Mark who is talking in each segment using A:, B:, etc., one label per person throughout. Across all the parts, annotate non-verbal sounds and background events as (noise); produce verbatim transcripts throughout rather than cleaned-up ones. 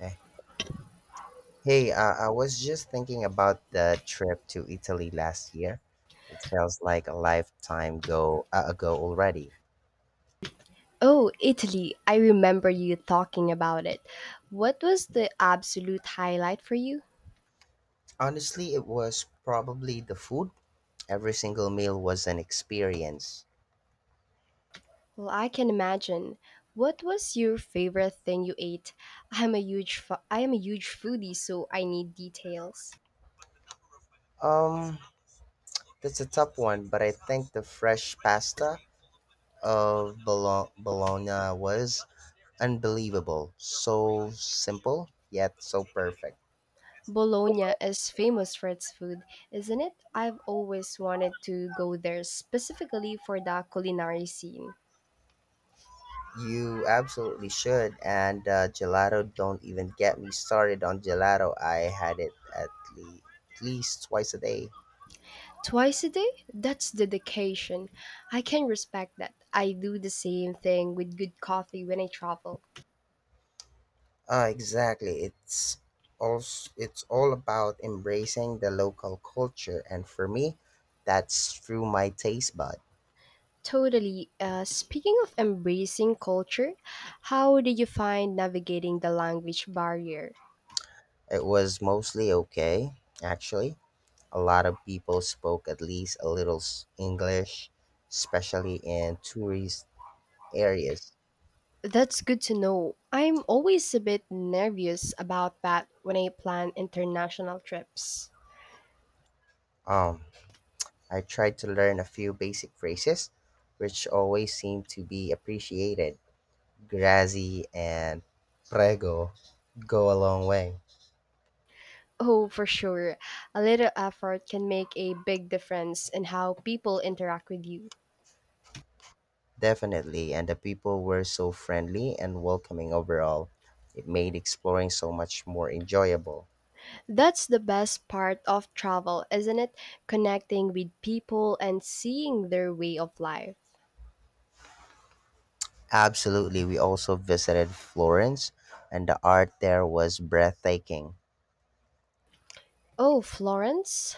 A: Okay. Hey, uh, I was just thinking about the trip to Italy last year. It feels like a lifetime go uh, ago already.
B: Oh, Italy. I remember you talking about it. What was the absolute highlight for you?
A: Honestly, it was probably the food. Every single meal was an experience.
B: Well, I can imagine. What was your favorite thing you ate? I'm a huge fo- I am a huge foodie, so I need details.
A: Um, that's a tough one, but I think the fresh pasta of Bolo- Bologna was unbelievable. So simple, yet so perfect.
B: Bologna is famous for its food, isn't it? I've always wanted to go there specifically for the culinary scene.
A: You absolutely should. And uh, gelato, don't even get me started on gelato. I had it at, le- at least twice a day.
B: Twice a day? That's dedication. I can respect that. I do the same thing with good coffee when I travel.
A: Uh, exactly. It's also it's all about embracing the local culture, and for me, that's through my taste bud.
B: Totally. Uh, speaking of embracing culture, how did you find navigating the language barrier?
A: It was mostly okay, actually. A lot of people spoke at least a little s- English, especially in tourist areas.
B: That's good to know. I'm always a bit nervous about that when I plan international trips.
A: Um, I tried to learn a few basic phrases, which always seem to be appreciated. Grazie and prego go a long way.
B: Oh, for sure. A little effort can make a big difference in how people interact with you.
A: Definitely, and the people were so friendly and welcoming overall. It made exploring so much more enjoyable.
B: That's the best part of travel, isn't it? Connecting with people and seeing their way of life.
A: Absolutely, we also visited Florence, and the art there was breathtaking.
B: Oh, Florence,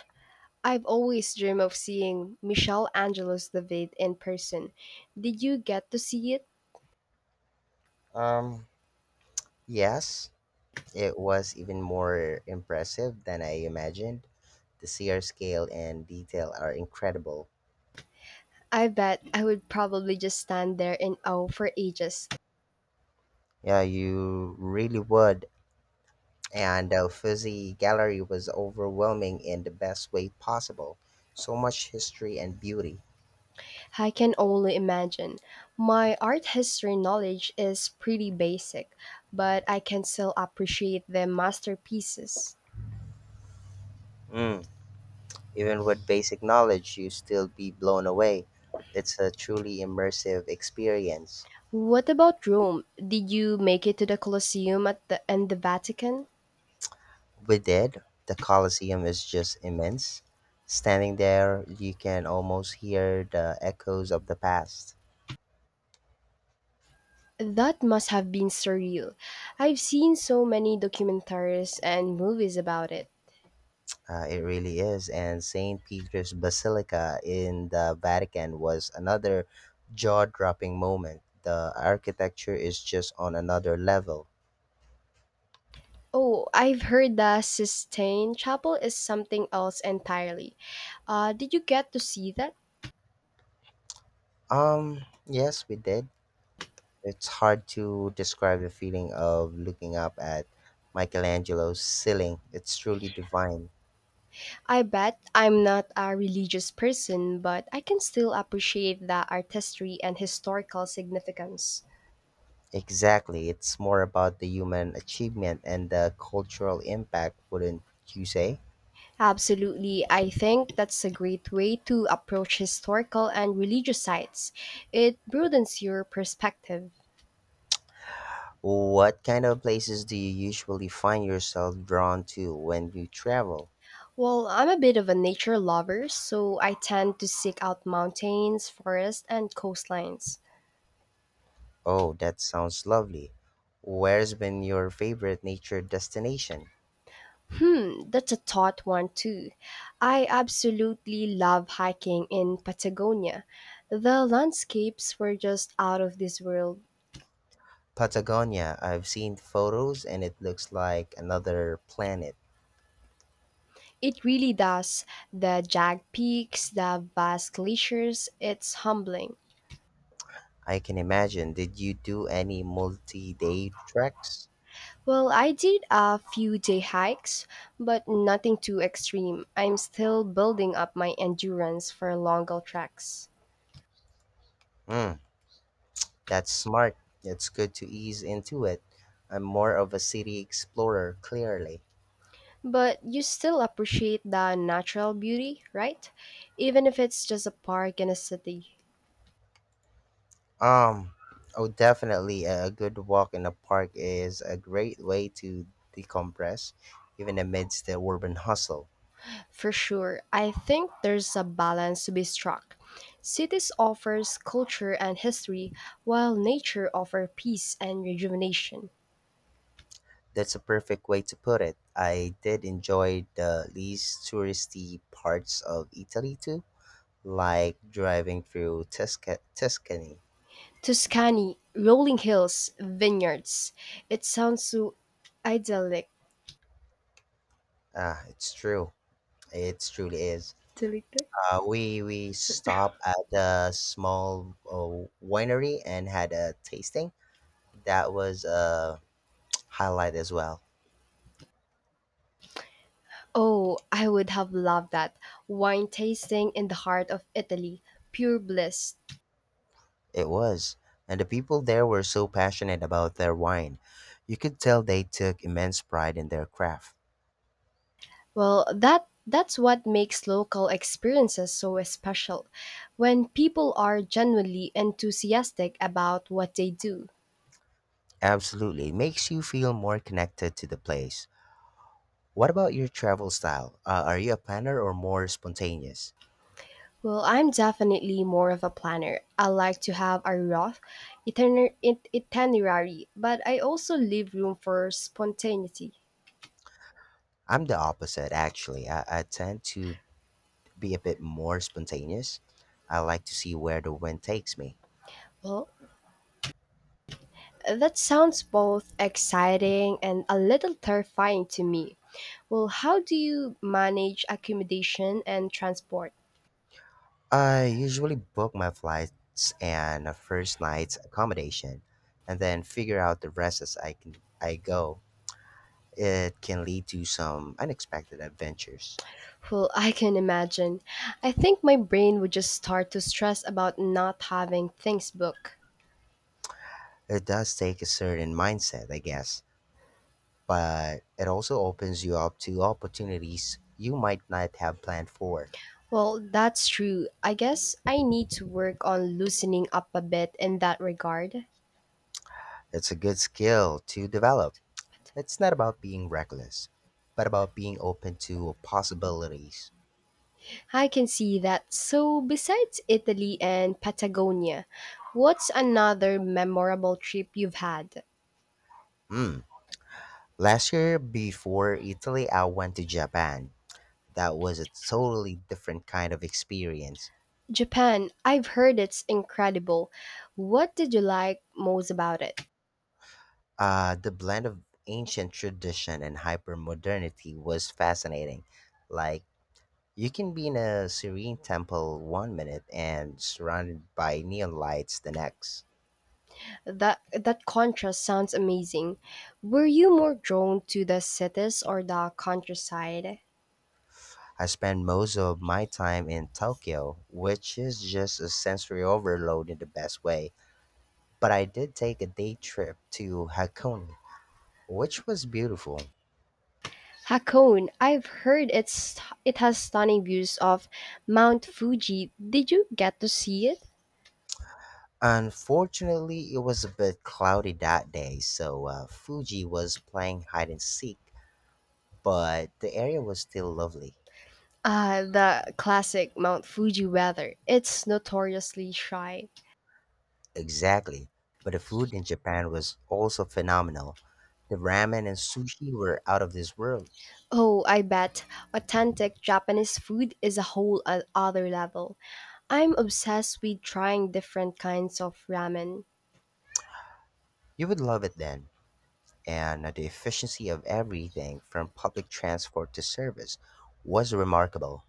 B: I've always dreamed of seeing Michelangelo's David in person. Did you get to see it?
A: Um, yes, it was even more impressive than I imagined. The sheer scale and detail are incredible.
B: I bet I would probably just stand there in awe for ages.
A: Yeah, you really would. And the Fuzzy Gallery was overwhelming in the best way possible. So much history and beauty.
B: I can only imagine. My art history knowledge is pretty basic, but I can still appreciate the masterpieces.
A: Mm, even with basic knowledge, you still be blown away. It's a truly immersive experience.
B: What about Rome? Did you make it to the Colosseum at the and the Vatican?
A: We did. The Colosseum is just immense. Standing there, you can almost hear the echoes of the past.
B: That must have been surreal. I've seen so many documentaries and movies about it.
A: Uh, it really is. And Saint Peter's Basilica in the Vatican was another jaw dropping moment. The architecture is just on another level.
B: Oh, I've heard the Sistine Chapel is something else entirely. Uh, did you get to see that?
A: Um, yes, we did. It's hard to describe the feeling of looking up at Michelangelo's ceiling. It's truly divine.
B: I bet I'm not a religious person, but I can still appreciate the artistry and historical significance.
A: Exactly. It's more about the human achievement and the cultural impact, wouldn't you say?
B: Absolutely, I think that's a great way to approach historical and religious sites. It broadens your perspective.
A: What kind of places do you usually find yourself drawn to when you travel?
B: Well, I'm a bit of a nature lover, so I tend to seek out mountains, forests, and coastlines.
A: Oh, that sounds lovely. Where's been your favorite nature destination?
B: Hmm, that's a thought one too. I absolutely love hiking in Patagonia. The landscapes were just out of this world.
A: Patagonia. I've seen photos and it looks like another planet.
B: It really does. The jagged peaks, the vast glaciers, it's humbling.
A: I can imagine. Did you do any multi day treks?
B: Well, I did a few day hikes, but nothing too extreme. I'm still building up my endurance for longer treks.
A: Hmm. That's smart. It's good to ease into it. I'm more of a city explorer, clearly.
B: But you still appreciate the natural beauty, right? Even if it's just a park in a city.
A: Um, oh, definitely. A a good walk in the park is a great way to decompress, even amidst the urban hustle.
B: For sure, I think there's a balance to be struck. Cities offers culture and history, while nature offers peace and rejuvenation.
A: That's a perfect way to put it. I did enjoy the least touristy parts of Italy too, like driving through Tusca- Tuscany.
B: Tuscany, rolling hills, vineyards. It sounds so idyllic.
A: Ah, it's true. It truly is.
B: Idyllic?
A: Uh, we we stopped at a small uh, winery and had a tasting. That was a (tsk) highlight as well.
B: Oh, I would have loved that. Wine tasting in the heart of Italy, pure bliss.
A: It was, and the people there were so passionate about their wine. You could tell they took immense pride in their craft.
B: Well, that that's what makes local experiences so special. When people are genuinely enthusiastic about what they do.
A: Absolutely, it makes you feel more connected to the place. What about your travel style? Uh, are you a planner or more spontaneous?
B: Well, I'm definitely more of a planner. I like to have a rough itiner- it- itinerary, but I also leave room for spontaneity.
A: I'm the opposite, actually. I, I tend to be a bit more spontaneous. I like to see where the wind takes me.
B: Well, that sounds both exciting and a little terrifying to me. Well, how do you manage accommodation and transport?
A: I usually book my flights and a first night's accommodation, and then figure out the rest as I can I go. It can lead to some unexpected adventures.
B: Well, I can imagine. I think my brain would just start to stress about not having things booked.
A: It does take a certain mindset, I guess, but it also opens you up to opportunities you might not have planned for.
B: Well, that's true. I guess I need to work on loosening up a bit in that regard.
A: It's a good skill to develop. It's not about being reckless, but about being open to possibilities.
B: I can see that. So, besides Italy and Patagonia, what's another memorable trip you've had?
A: Mm. Last year, before Italy, I went to Japan. That was a totally different kind of experience.
B: Japan, I've heard it's incredible. What did you like most about it?
A: Uh, the blend of ancient tradition and hyper modernity was fascinating. Like, you can be in a serene temple one minute and surrounded by neon lights the next.
B: That that contrast sounds amazing. Were you more drawn to the cities or the countryside?
A: I spend most of my time in Tokyo, which is just a sensory overload in the best way. But I did take a day trip to Hakone, which was beautiful.
B: Hakone, I've heard it's it has stunning views of Mount Fuji. Did you get to see it?
A: Unfortunately, it was a bit cloudy that day, so uh, Fuji was playing hide and seek, but the area was still lovely.
B: Uh, the classic Mount Fuji weather. It's notoriously shy.
A: Exactly. But the food in Japan was also phenomenal. The ramen and sushi were out of this world.
B: Oh, I bet authentic Japanese food is a whole o- other level. I'm obsessed with trying different kinds of ramen.
A: You would love it then. And the efficiency of everything from public transport to service was remarkable.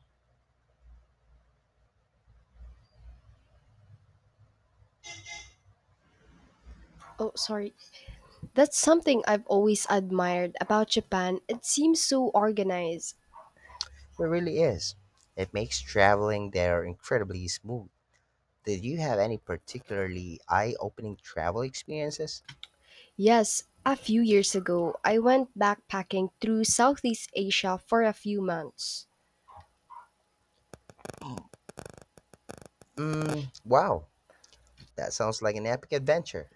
B: Oh, sorry. That's something I've always admired about Japan. It seems so organized.
A: It really is. It makes traveling there incredibly smooth. Did you have any particularly eye opening travel experiences?
B: Yes, a few years ago, I went backpacking through Southeast Asia for a few months.
A: Mm, wow, that sounds like an epic adventure.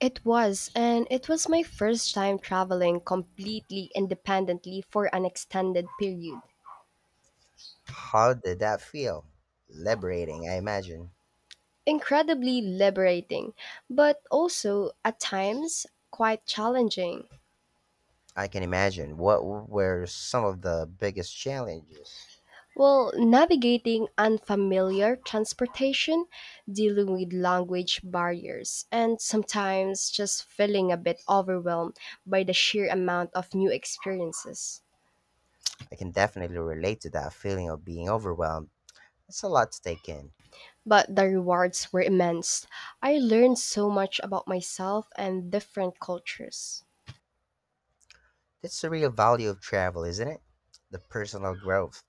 B: It was, and it was my first time traveling completely independently for an extended period.
A: How did that feel? Liberating, I imagine.
B: Incredibly liberating, but also at times quite challenging.
A: I can imagine. What were some of the biggest challenges?
B: Well, navigating unfamiliar transportation, dealing with language barriers, and sometimes just feeling a bit overwhelmed by the sheer amount of new experiences.
A: I can definitely relate to that feeling of being overwhelmed. It's a lot to take in.
B: But the rewards were immense. I learned so much about myself and different cultures.
A: That's the real value of travel, isn't it? The personal growth.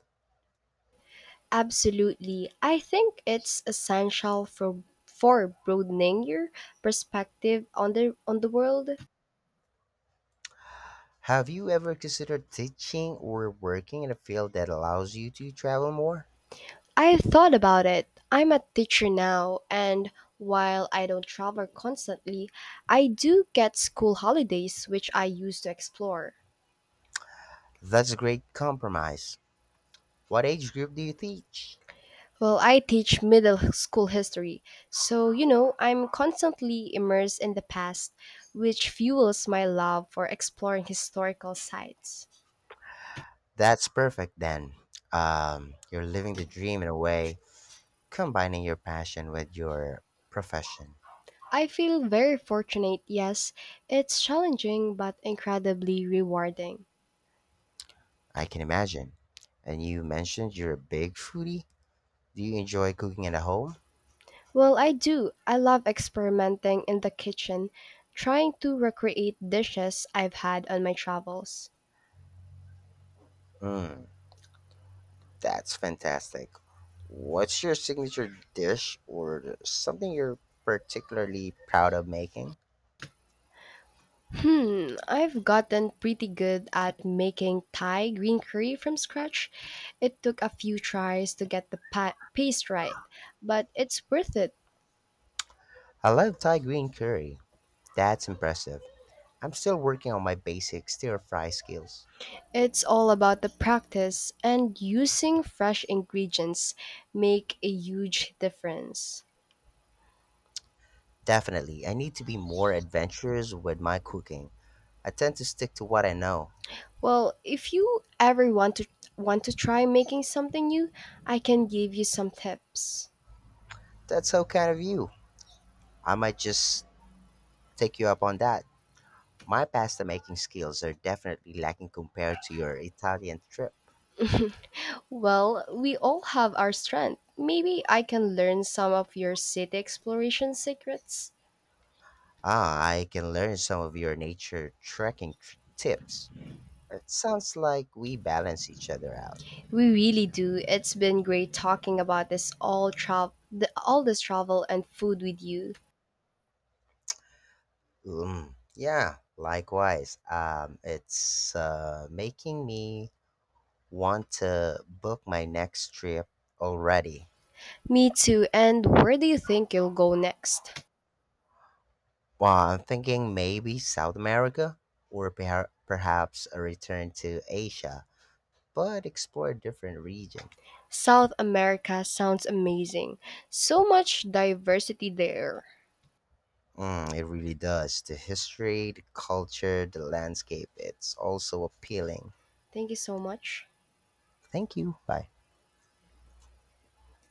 B: Absolutely. I think it's essential for for broadening your perspective on the on the world.
A: Have you ever considered teaching or working in a field that allows you to travel more?
B: I've thought about it. I'm a teacher now, and while I don't travel constantly, I do get school holidays, which I used to explore.
A: That's a great compromise. What age group do you teach?
B: Well, I teach middle school history, so you know, I'm constantly immersed in the past, which fuels my love for exploring historical sites.
A: That's perfect then. Um, you're living the dream in a way, combining your passion with your profession.
B: I feel very fortunate, yes. It's challenging but incredibly rewarding.
A: I can imagine. And you mentioned you're a big foodie. Do you enjoy cooking at home?
B: Well, I do. I love experimenting in the kitchen, trying to recreate dishes I've had on my travels.
A: Mm, that's fantastic. What's your signature dish or something you're particularly proud of making?
B: Hmm, I've gotten pretty good at making Thai green curry from scratch. It took a few tries to get the pa- paste right, but it's worth it.
A: I love Thai green curry. That's impressive. I'm still working on my basic stir fry skills.
B: It's all about the practice and using fresh ingredients make a huge difference.
A: Definitely, I need to be more adventurous with my cooking. I tend to stick to what I know.
B: Well, if you ever want to want to try making something new, I can give you some tips.
A: That's so kind of you. I might just take you up on that. My pasta making skills are definitely lacking compared to your Italian trip.
B: Well, we all have our strength. Maybe I can learn some of your city exploration secrets.
A: Ah, I can learn some of your nature trekking tr- tips. It sounds like we balance each other out.
B: We really do. It's been great talking about this all travel, the, all this travel and food with you.
A: Mm, yeah, likewise. Um, it's uh, making me want to book my next trip already.
B: Me too. And where do you think you'll go next?
A: Well, I'm thinking maybe South America or perha- perhaps a return to Asia, but explore a different region.
B: South America sounds amazing. So much diversity there.
A: Mm, it really does. The history, the culture, the landscape, it's also appealing.
B: Thank you so much.
A: Thank you. Bye.